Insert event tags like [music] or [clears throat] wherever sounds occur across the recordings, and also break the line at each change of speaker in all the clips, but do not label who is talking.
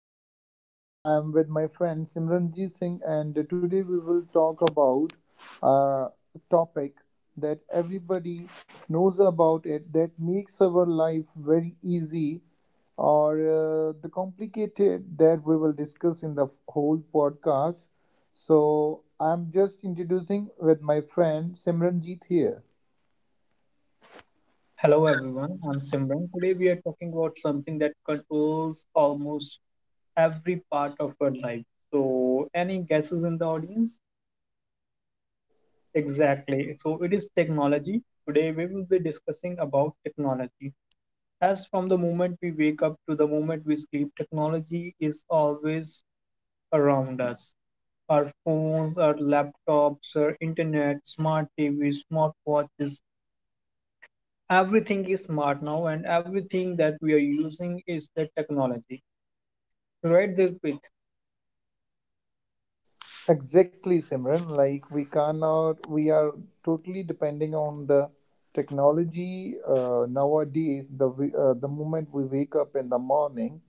today I am with my friend Simranjit Singh, and today we will talk about a topic that everybody knows about it that makes our life very easy or the complicated that we will discuss in the whole podcast. So I'm just introducing with my friend Simranjit here.
Hello everyone, I'm Simran. Today we are talking about something that controls almost every part of our life. So, any guesses in the audience? Exactly. So, it is technology. Today we will be discussing about technology. As from the moment we wake up to the moment we sleep, technology is always around us. Our phones, our laptops, our internet, smart TVs, smart watches, everything is smart now and everything that we are using is the technology. Right, Dilpit?
Exactly, Simran. Like we cannot, we are totally depending on the technology nowadays. The moment we wake up in the morning,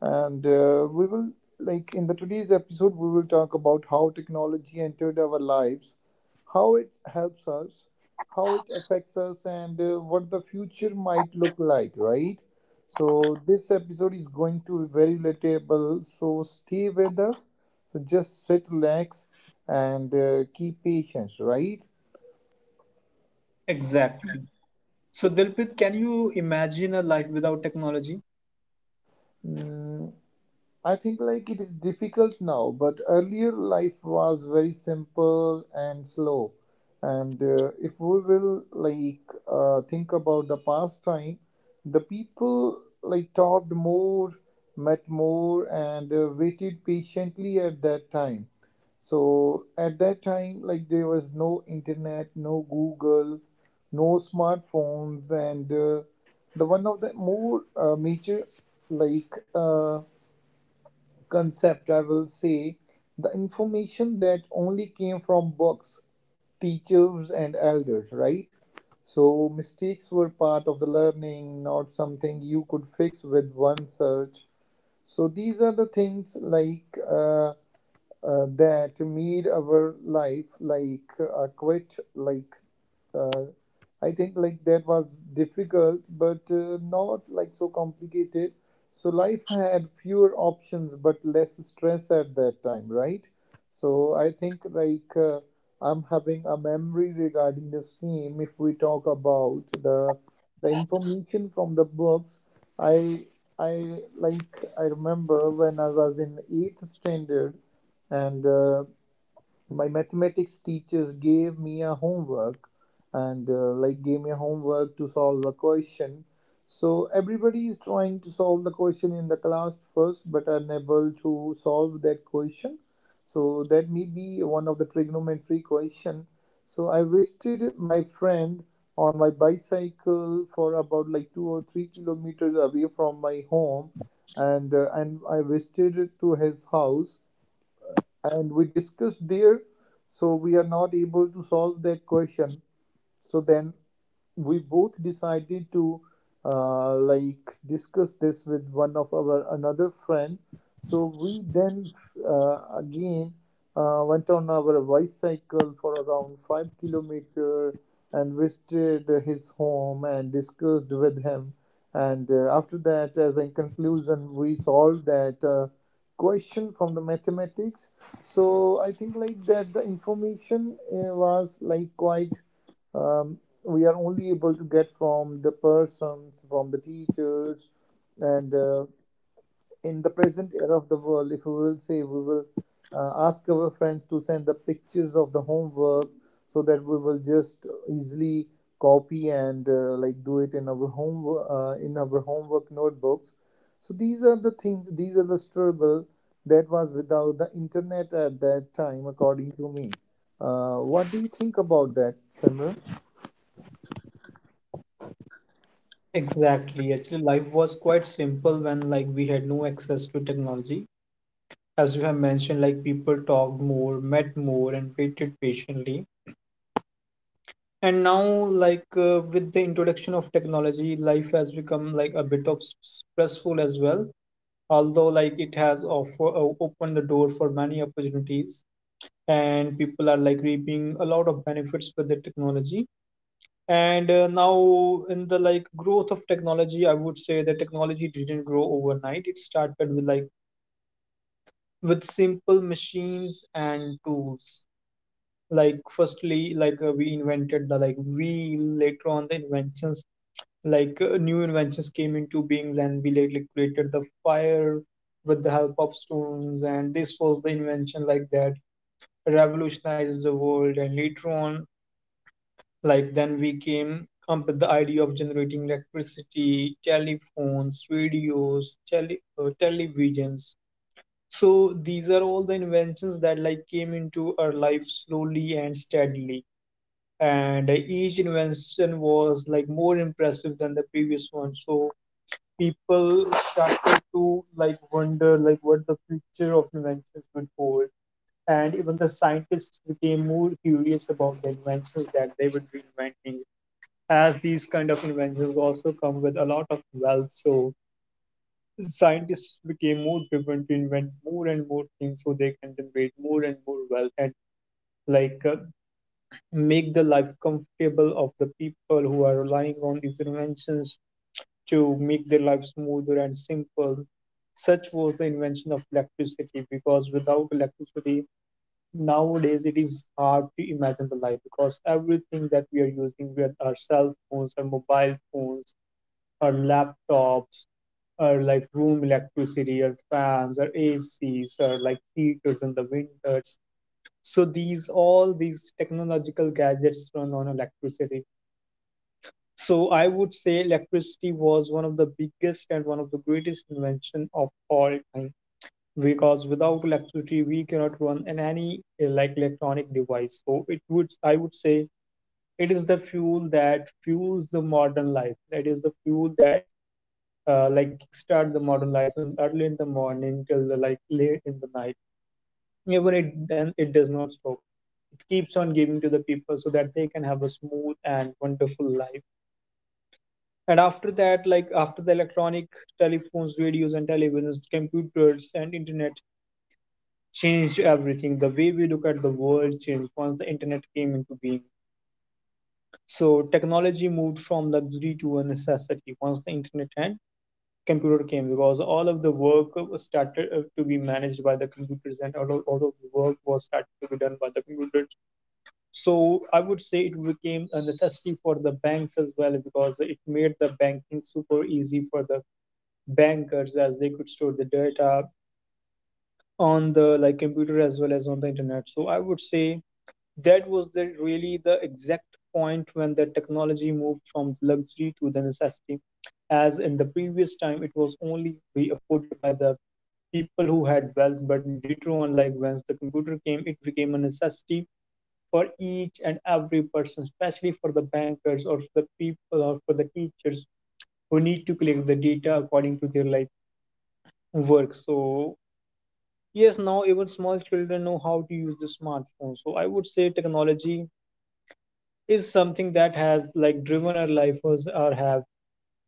and we will like in the today's episode we will talk about how technology entered our lives, how it helps us, how it affects us, and what the future might look like, right? So this episode is going to be very relatable, so stay with us. So just sit relax and keep patience, right?
Exactly. So, Dilpit, can you imagine a life without technology?
Mm, I think like it is difficult now, but earlier life was very simple and slow. And if we will like think about the past time, the people like talked more, met more, and waited patiently at that time. So at that time, like there was no internet, no Google, no smartphones, and the one of the more major like, concept, I will say, the information that only came from books, teachers, and elders, right? So mistakes were part of the learning, not something you could fix with one search. So these are the things like that made our life like quite like uh, I think like that was difficult, but not like so complicated. So life had fewer options but less stress at that time, right? So I think like I'm having a memory regarding the same. If we talk about the information from the books, I I like I remember when I was in eighth standard, and my mathematics teachers gave me a homework, and like gave me a homework to solve a question. So everybody is trying to solve the question in the class first but unable to solve that question. So that may be one of the trigonometry question. So I visited my friend on my bicycle for about like 2 or 3 km away from my home, and I visited to his house, and we discussed there. So we are not able to solve that question. So then we both decided to like discuss this with one of our another friend. So we then again went on our bicycle for around 5 km and visited his home and discussed with him. And after that, as a conclusion, we solved that question from the mathematics. So I think like that the information was like quite um, we are only able to get from the persons, from the teachers, and in the present era of the world, if we will say we will ask our friends to send the pictures of the homework so that we will just easily copy and like do it in our home in our homework notebooks. So these are the things, these are the struggle that was without the internet at that time, according to me. What do you think about that, Simran?
Exactly. Actually, life was quite simple when like we had no access to technology. As you have mentioned, like people talked more, met more, and waited patiently. And now, like with the introduction of technology, life has become like a bit of stressful as well. Although like it has offer, opened the door for many opportunities, and people are like reaping a lot of benefits with the technology. And now, in the like growth of technology, I would say that technology didn't grow overnight. It started with like with simple machines and tools. Like firstly, like we invented the like wheel. Later on, the inventions like new inventions came into being, and we like created the fire with the help of stones. And this was the invention like that revolutionized the world. And later on, like then we came up with the idea of generating electricity, telephones, radios, televisions. So these are all the inventions that like came into our life slowly and steadily. And each invention was like more impressive than the previous one. So people started to like wonder like what the future of inventions would hold, and even the scientists became more curious about the inventions that they would be inventing, as these kind of inventions also come with a lot of wealth. So scientists became more driven to invent more and more things so they can generate more and more wealth and like make the life comfortable of the people who are relying on these inventions to make their life smoother and simple. Such was the invention of electricity, because without electricity nowadays it is hard to imagine the life, because everything that we are using, with our cell phones, our mobile phones, our laptops, or like room electricity, or fans, our ACs, or like heaters in the winters. So these all these technological gadgets run on electricity. So I would say electricity was one of the biggest and one of the greatest invention of all time, because without electricity we cannot run in any like electronic device. So it would I would say it is the fuel that fuels the modern life. That is the fuel that like kickstart the modern life in early in the morning till the, like late in the night. Even it then it does not stop. It keeps on giving to the people so that they can have a smooth and wonderful life. And after that, like after the electronic telephones, radios, and televisions, computers and internet changed everything. The way we look at the world changed once the internet came into being. So technology moved from luxury to a necessity once the internet had computer came, because all of the work started to be managed by the computers, and all of the work was started to be done by the computers. So I would say it became a necessity for the banks as well, because it made the banking super easy for the bankers as they could store the data on the like computer as well as on the internet. So I would say that was the really the exact point when the technology moved from luxury to the necessity, as in the previous time it was only be afforded by the people who had wealth, but later on, like once the computer came, it became a necessity for each and every person, especially for the bankers or for the people or for the teachers who need to collect the data according to their like work. So yes, now even small children know how to use the smartphone. So I would say technology is something that has like driven our life or have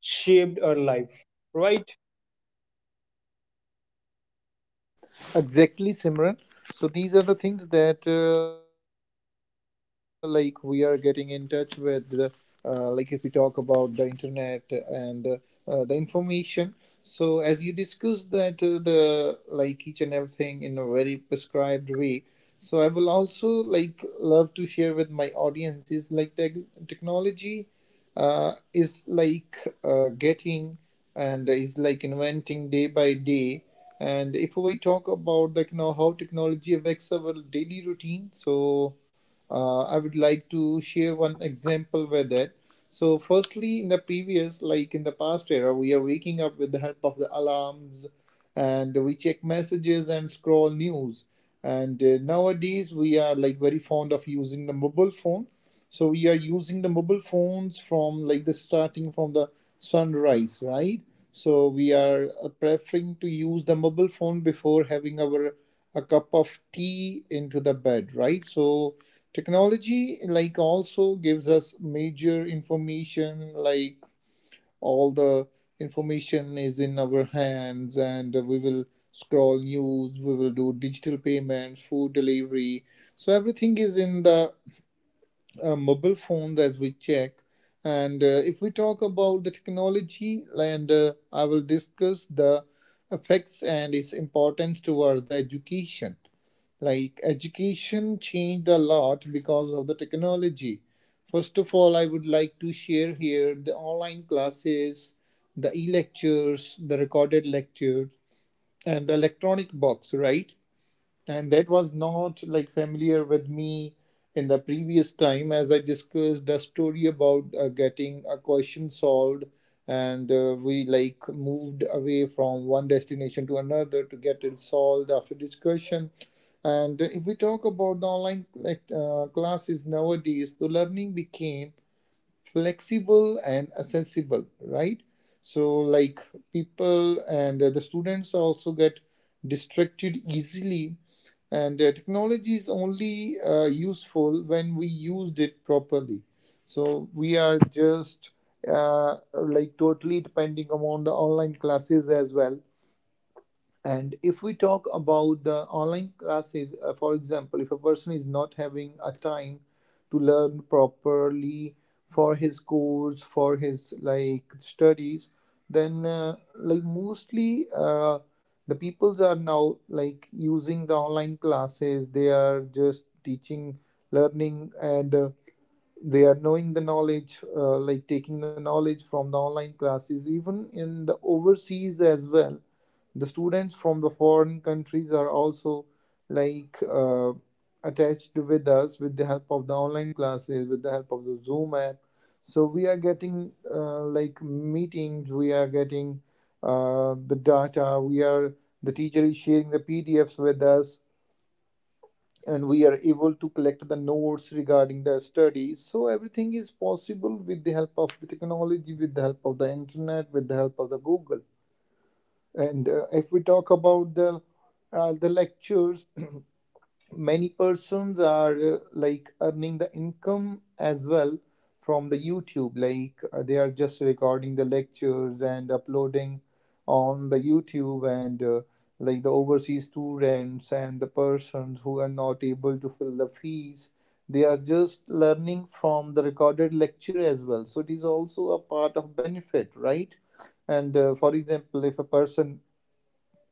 shaped our life, right?
Exactly, Simran. So these are the things that like we are getting in touch with the like if we talk about the internet and the information. So as you discussed that the like each and everything in a very prescribed way. So I will also like love to share with my audience is like technology is like getting and is like inventing day by day. And if we talk about like you know how technology affects our daily routine, so I would like to share one example with that. So firstly, in the previous like in the past era, we are waking up with the help of the alarms, and we check messages and scroll news. And nowadays we are like very fond of using the mobile phone, so we are using the mobile phones from like the starting from the sunrise, right? So we are preferring to use the mobile phone before having our a cup of tea into the bed, right? So technology like also gives us major information, like all the information is in our hands, and we will scroll news, we will do digital payments, food delivery. So everything is in the mobile phones as we check. And if we talk about the technology, and I will discuss the effects and its importance towards the education. Like education changed a lot because of the technology. First of all, I would like to share here the online classes, the e lectures, the recorded lectures, and the electronic box, right? And that was not like familiar with me in the previous time, as I discussed a story about getting a question solved, and we like moved away from one destination to another to get it solved after discussion. And if we talk about the online like classes, nowadays the learning became flexible and accessible, right? So like people and the students also get distracted easily, and technology is only useful when we used it properly. So we are just like totally depending upon the online classes as well. And if we talk about the online classes, for example, if a person is not having a time to learn properly for his course, for his like studies, then like mostly the peoples are now like using the online classes. They are just teaching, learning, and they are knowing the knowledge like taking the knowledge from the online classes even in the overseas as well. The students from the foreign countries are also like attached with us with the help of the online classes, with the help of the zoom app. So we are getting like meetings, we are getting the data, we are the teacher is sharing the pdfs with us, and we are able to collect the notes regarding the study. So everything is possible with the help of the technology, with the help of the internet, with the help of the Google. And if we talk about the lectures, [clears throat] many persons are like earning the income as well from the youtube, like they are just recording the lectures and uploading on the youtube. And like the overseas students and the persons who are not able to fill the fees, they are just learning from the recorded lecture as well. So it is also a part of benefit, right? And for example, if a person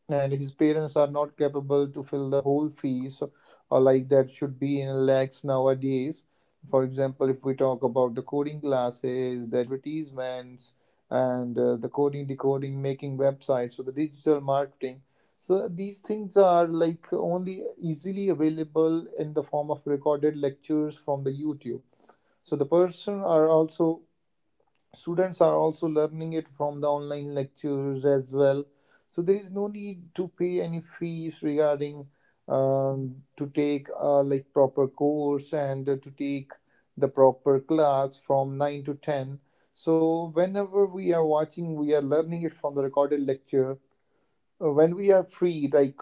and his parents are not capable to fill the whole fees, or like that should be in lakhs nowadays, for example, if we talk about the coding classes, the advertisements, and the coding decoding making websites, so the digital marketing, so these things are like only easily available in the form of recorded lectures from the youtube. So the person are also students are also learning it from the online lectures as well. So there is no need to pay any fees regarding to take like proper course and to take the proper class from 9 to 10. So whenever we are watching, we are learning it from the recorded lecture. When we are free like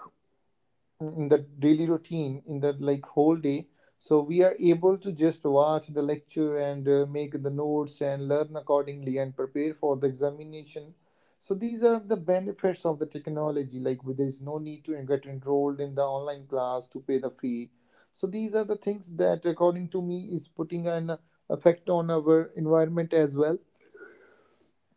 in the daily routine in the like whole day, so we are able to just watch the lecture and make the notes and learn accordingly and prepare for the examination. So these are the benefits of the technology, like where there is no need to get enrolled in the online class to pay the fee. So these are the things that according to me is putting an effect on our environment as well.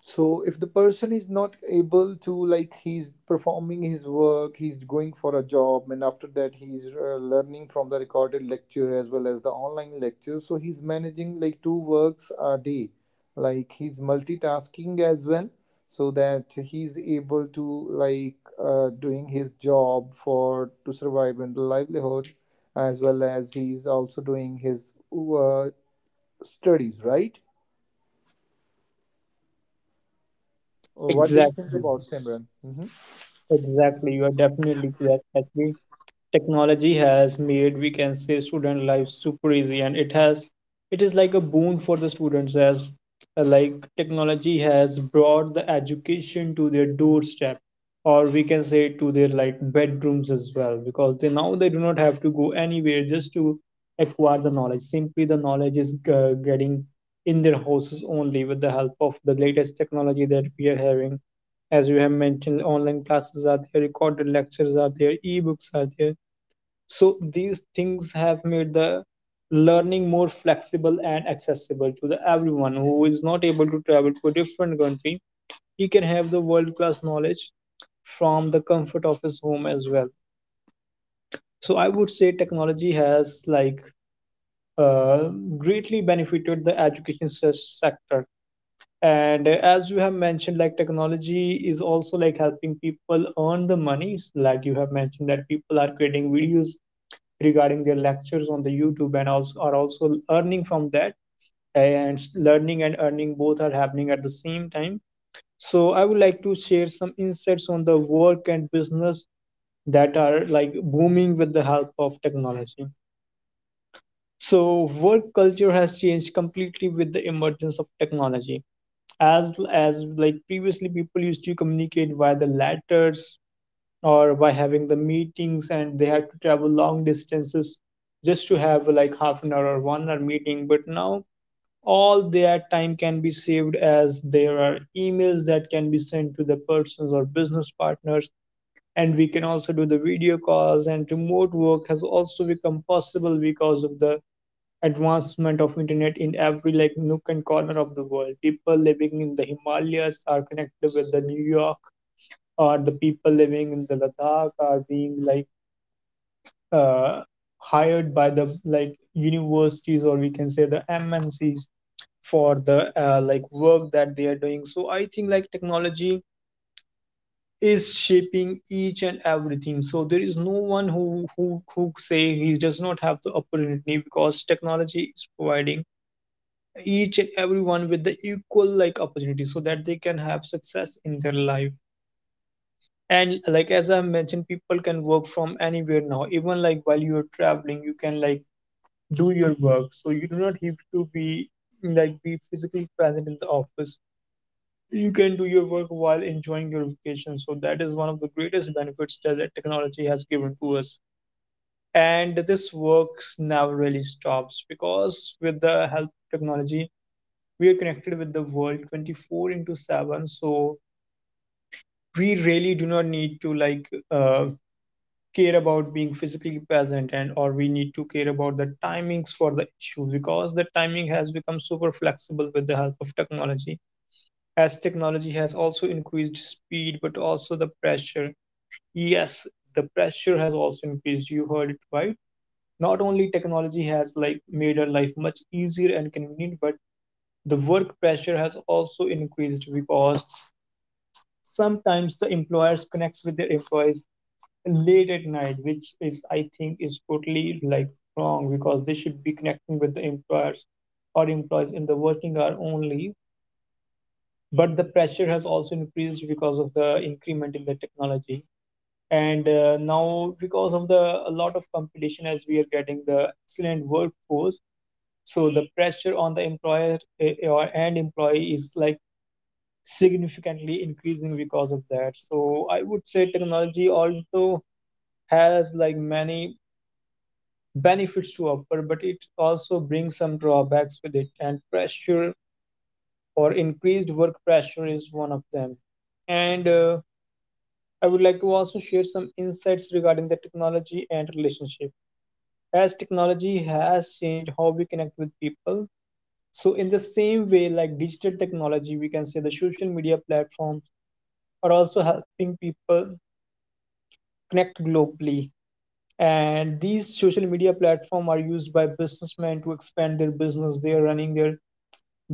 So if the person is not able to, like, he's performing his work, he's going for a job, and after that he's learning from the recorded lecture as well as the online lecture, so he's managing like two works a day, like he's multitasking as well, so that he's able to like doing his job for to survive in the livelihood as well as he's also doing his uh, studies, right? What do you think
Exactly.
about Simran? Mhm.
Exactly. You are definitely correct. Actually, technology has made we can say student life super easy, and it has it is like a boon for the students, as like technology has brought the education to their doorstep, or we can say to their like bedrooms as well, because they now they do not have to go anywhere just to acquire the knowledge. Simply the knowledge is getting in their houses only with the help of the latest technology that we are having. As you have mentioned, online classes are there, recorded lectures are there, ebooks are there. So these things have made the learning more flexible and accessible to the everyone who is not able to travel to a different country. He can have the world class knowledge from the comfort of his home as well. So I would say technology has like uh, greatly benefited the education sector. And as you have mentioned, like technology is also like helping people earn the money. Like you have mentioned that people are creating videos regarding their lectures on the YouTube, and also are also earning from that, and learning and earning both are happening at the same time. So I would like to share some insights on the work and business that are like booming with the help of technology. So work culture has changed completely with the emergence of technology. As like previously people used to communicate via the letters, or by having the meetings, and they had to travel long distances just to have like half an hour or 1 hour meeting. But now all their time can be saved, as there are emails that can be sent to the persons or business partners, and we can also do the video calls, and remote work has also become possible because of the advancement of internet in every like nook and corner of the world. People living in the Himalayas are connected with the New York, or the people living in the Ladakh are being like uh, hired by the like universities, or we can say the MNCs, for the like work that they are doing. So I think like technology is shaping each and everything. So there is no one who say he does not have the opportunity, because technology is providing each and everyone with the equal like opportunity so that they can have success in their life. And like as I mentioned, people can work from anywhere now, even like while you're traveling you can like do your work, so you do not have to be like be physically present in the office. You can do your work while enjoying your vacation, so that is one of the greatest benefits that the technology has given to us. And this works never really stops, because with the help of technology we are connected with the world 24 into 7. So we really do not need to like care about being physically present, and or we need to care about the timings for the issue, because the timing has become super flexible with the help of technology, as technology has also increased speed but also the pressure. Yes, the pressure has also increased, you heard it right. Not only technology has like made our life much easier and convenient, but the work pressure has also increased, because sometimes the employers connect with their employees late at night, which is I think is totally like wrong, because they should be connecting with the employers or employees in the working hour only. But the pressure has also increased because of the increment in the technology. And now, because of the a lot of competition, as we are getting the excellent workforce, so the pressure on the employer or and employee is like significantly increasing because of that. So I would say technology, also has like many benefits to offer, but it also brings some drawbacks with it, and pressure or increased work pressure is one of them. And I would like to also share some insights regarding the technology and relationship. As technology has changed how we connect with people, so in the same way, like digital technology, we can say the social media platforms are also helping people connect globally, and these social media platforms are used by businessmen to expand their business. They are running their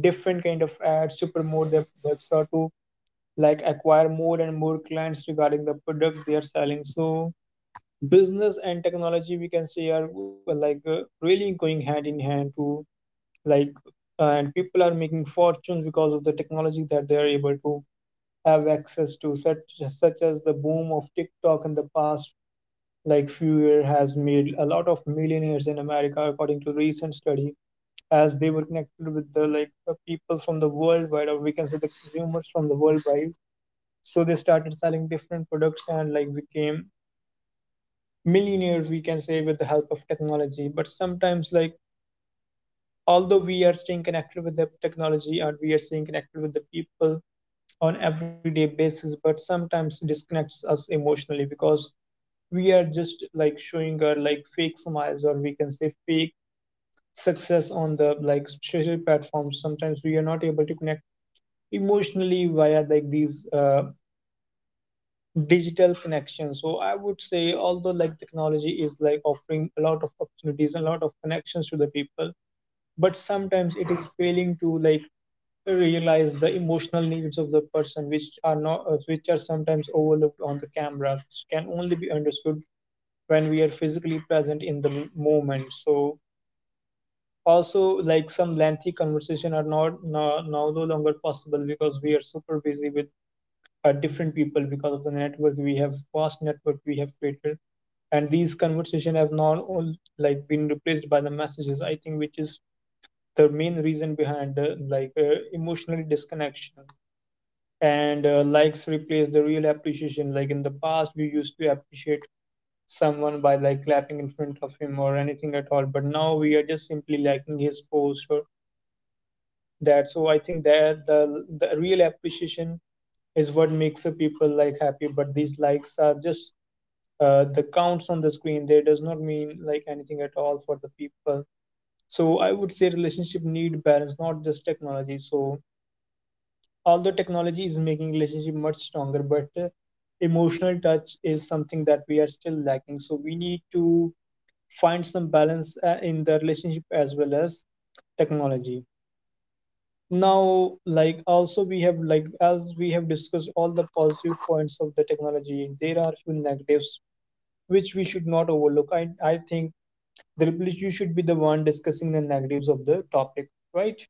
different kind of ads to promote their products, or to like acquire more and more clients regarding the product they are selling. So business and technology we can say are like really going hand in hand to like and people are making fortunes because of the technology, that they are able to have access to such, such as the boom of TikTok in the past like few year has made a lot of millionaires in America according to recent study, as they were connected with the like people from the worldwide, or we can say the consumers from the worldwide. So they started selling different products and like became millionaires, we can say, with the help of technology. But sometimes, like although we are staying connected with the technology and we are staying connected with the people on everyday basis, but sometimes it disconnects us emotionally, because we are just like showing our like fake smiles, or we can say fake success on the like social platforms. Sometimes we are not able to connect emotionally via like these digital connections. So I would say although like technology is like offering a lot of opportunities and a lot of connections to the people, but sometimes it is failing to like realize the emotional needs of the person, which are not which are sometimes overlooked on the cameras, which can only be understood when we are physically present in the moment. So also, like some lengthy conversation are not now no longer possible, because we are super busy with different people because of the network. We have vast network we have created, and these conversation have now all like been replaced by the messages, I think, which is the main reason behind like emotional disconnection. And likes replace the real appreciation. Like in the past we used to appreciate someone by like clapping in front of him or anything at all, but now we are just simply liking his post or that. So I think that the real appreciation is what makes a people like happy, but these likes are just the counts on the screen. They does not mean like anything at all for the people. So I would say relationship need balance, not just technology. So although technology is making relationship much stronger, but emotional touch is something that we are still lacking. So we need to find some balance in the relationship as well as technology. Now like also we have like as we have discussed all the positive points of the technology, there are few negatives which we should not overlook, I think. Dilpreet, you should be the one discussing the negatives of the topic, right?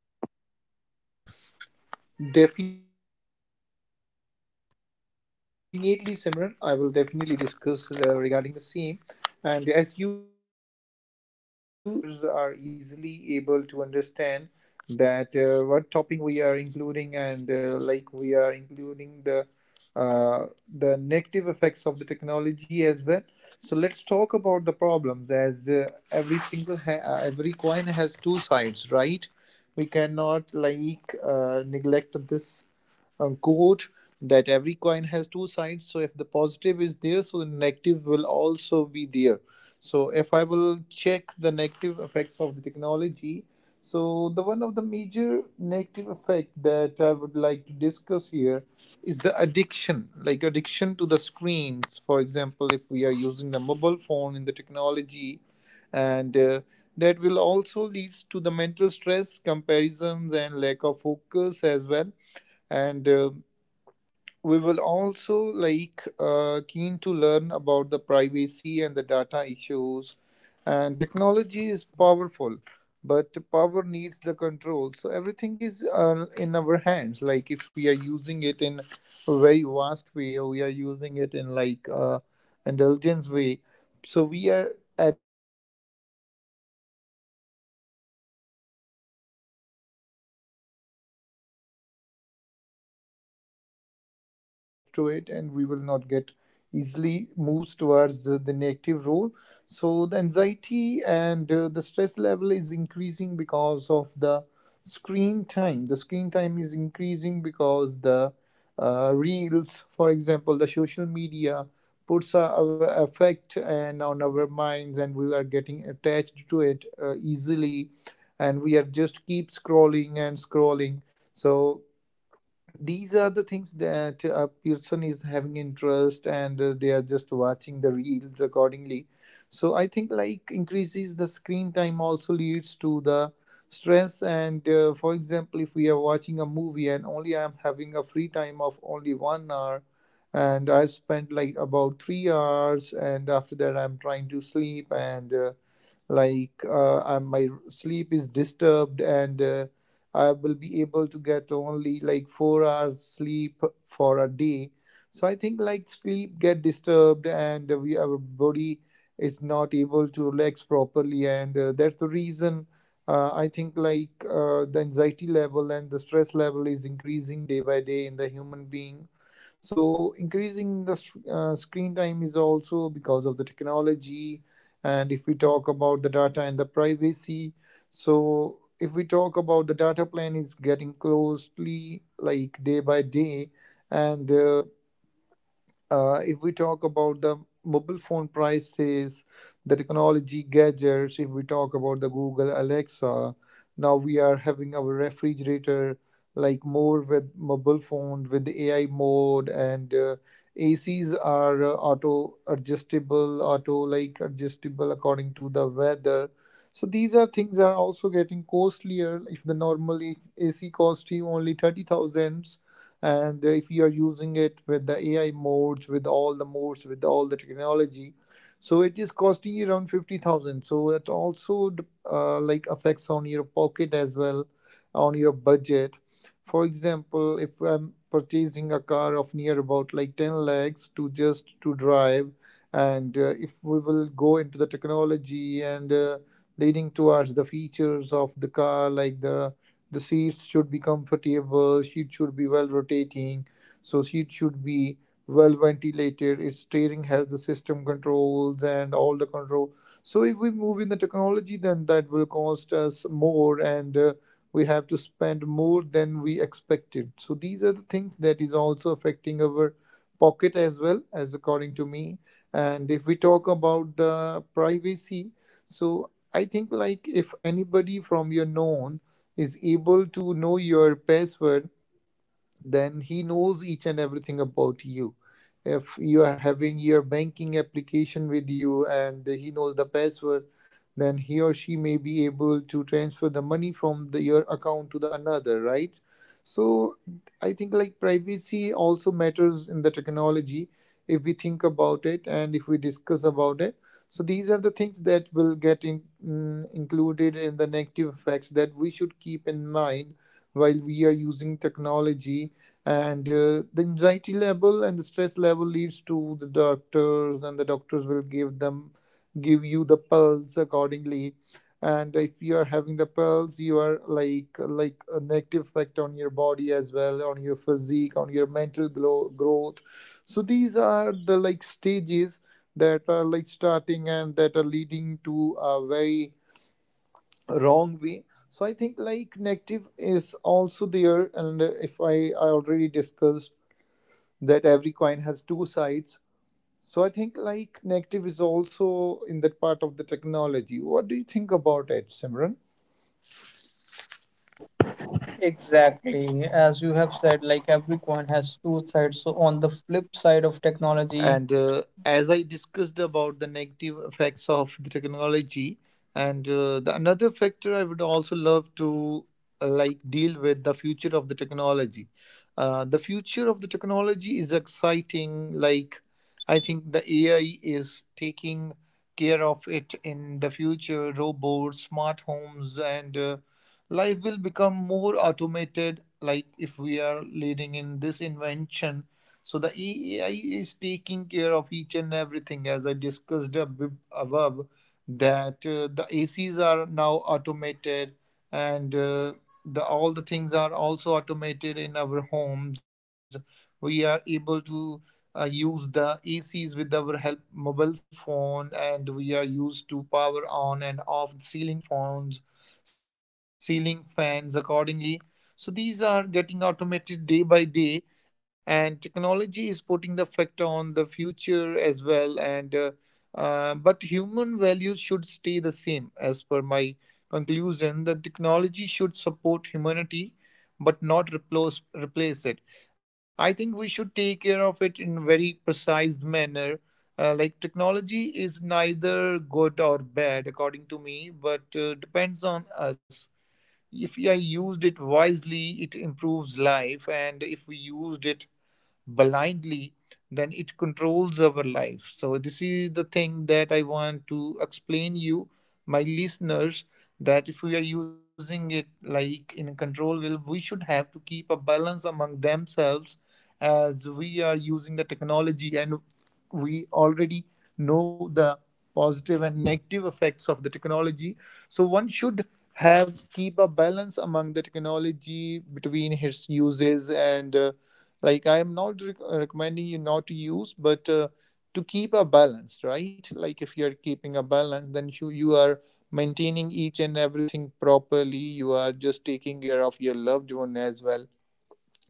Definitely, Simran. I will definitely discuss regarding the same. And as you like clearly mentioned each and everything, and I think like my listeners are easily able to understand that what topping we are including, and like we are including uh, the negative effects of the technology as well. So let's talk about the problems, as every coin has two sides, right? We cannot neglect this quote that every coin has two sides. So if the positive is there, so the negative will also be there. So if I will check the negative effects of the technology, so the one of the major negative effect that I would like to discuss here is the addiction, like addiction to the screens. For example, if we are using the mobile phone in the technology, and that will also leads to the mental stress, comparisons and lack of focus as well. And we will also keen to learn about the privacy and the data issues. And technology is powerful, but power needs the control. So everything is in our hands. Like if we are using it in a very vast way, or we are using it in indulgence way, so we are at the peak of the data breaches as well. So we are also having a negative, keep a negative effect on our mind, so that we will not get attached to it and we will not get easily moves towards the negative role. So the anxiety and the stress level is increasing because of the screen time. The screen time is increasing because the reels, for example the social media, puts our effect and on our minds, and we are getting attached to it easily, and we are just keep scrolling and scrolling. So these are the things that a person is having interest, and they are just watching the reels accordingly. So I think like increases the screen time also leads to the stress. And for example, if we are watching a movie and only I am having a free time of only 1 hour and I spent like about 3 hours, and after that I'm trying to sleep, my sleep is disturbed, and I will be able to get only like 4 hours sleep for a day. So I think like sleep get disturbed and we, our body is not able to relax properly, and that's the reason I think the anxiety level and the stress level is increasing day by day in the human being. So increasing the screen time is also because of the technology. And if we talk about the data and the privacy, so if we talk about the data plan is getting closely like day by day, and if we talk about the mobile phone prices, the technology gadgets, if we talk about the Google Alexa, now we are having our refrigerator like more with mobile phone with the AI mode, and ACs are auto adjustable, auto like adjustable according to the weather. So these are things are also getting costlier. If the normal AC cost you only 30,000, and if you are using it with the AI modes, with all the modes, with all the technology, so it is costing you around 50,000. So it also like affects on your pocket as well, on your budget. For example, if I'm purchasing a car of near about like 10 lakhs to just to drive, and if we will go into the technology, and leading towards the features of the car, like the seats should be comfortable, seat should be well rotating, so seat should be well ventilated, its steering has the system controls and all the control. So if we move in the technology, then that will cost us more, and we have to spend more than we expected. So these are the things that is also affecting our pocket as well, as according to me. And if we talk about the privacy, so I think like if anybody from your known is able to know your password, then he knows each and everything about you. If you are having your banking application with you and he knows the password, then he or she may be able to transfer the money from your account to the another, right? So I think like privacy also matters in the technology, if we think about it and if we discuss about it. So these are the things that will get included in the negative effects that we should keep in mind while we are using technology. And the anxiety level and the stress level leads to the doctors, and the doctors will give you the pills accordingly. And if you are having the pills, you are like a negative effect on your body as well, on your physique, on your mental growth. So these are the like stages that are like starting and that are leading to a very wrong way. So I think like negative is also there, and if I already discussed that every coin has two sides. So I think like negative is also in that part of the technology. What do you think about it, Simran?
Exactly. As you have said, like every coin has two sides. So, on the flip side of technology,
And as I discussed about the negative effects of the technology, and the another factor I would also love to deal with the future of the technology. The future of the technology is exciting. Like I think the AI is taking care of it in the future, robots, smart homes, and life will become more automated, like if we are leading in this invention. So the AI is taking care of each and everything, as I discussed above, that the ACs are now automated, and the all the things are also automated in our homes. We are able to use the ACs with our help mobile phone, and we are used to power on and off ceiling phones, ceiling fans accordingly. So these are getting automated day by day, and technology is putting the effect on the future as well, and but human values should stay the same. As per my conclusion, the technology should support humanity but not replace it. I think we should take care of it in a very precise manner. Technology is neither good or bad according to me, but depends on us. If I used it wisely, it improves life, and if we used it blindly, then it controls our life. So this is the thing that I want to explain you, my listeners, that if we are using it like in a control will, we should have to keep a balance among themselves. As we are using the technology, and we already know the positive and negative effects of the technology, so one should have keep a balance among the technology between his uses, and like I am not recommending you not to use, but to keep a balance, right? Like if you're keeping a balance, then you are maintaining each and everything properly, you are just taking care of your loved one as well,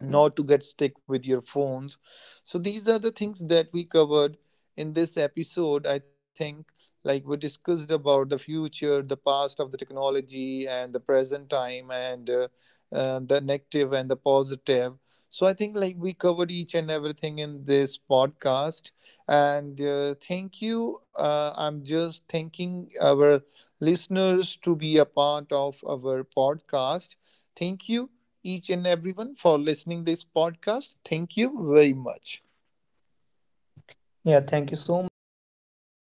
not to get stuck with your phones. So these are the things that we covered in this episode. I think like we discussed about the future, the past of the technology, and the present time, and the negative and the positive. So I think like we covered each and everything in this podcast. And thank you. I'm just thanking our listeners to be a part of our podcast. Thank you each and everyone for listening this podcast. Thank you very much.
yeah, thank you so much, audience, and I hope.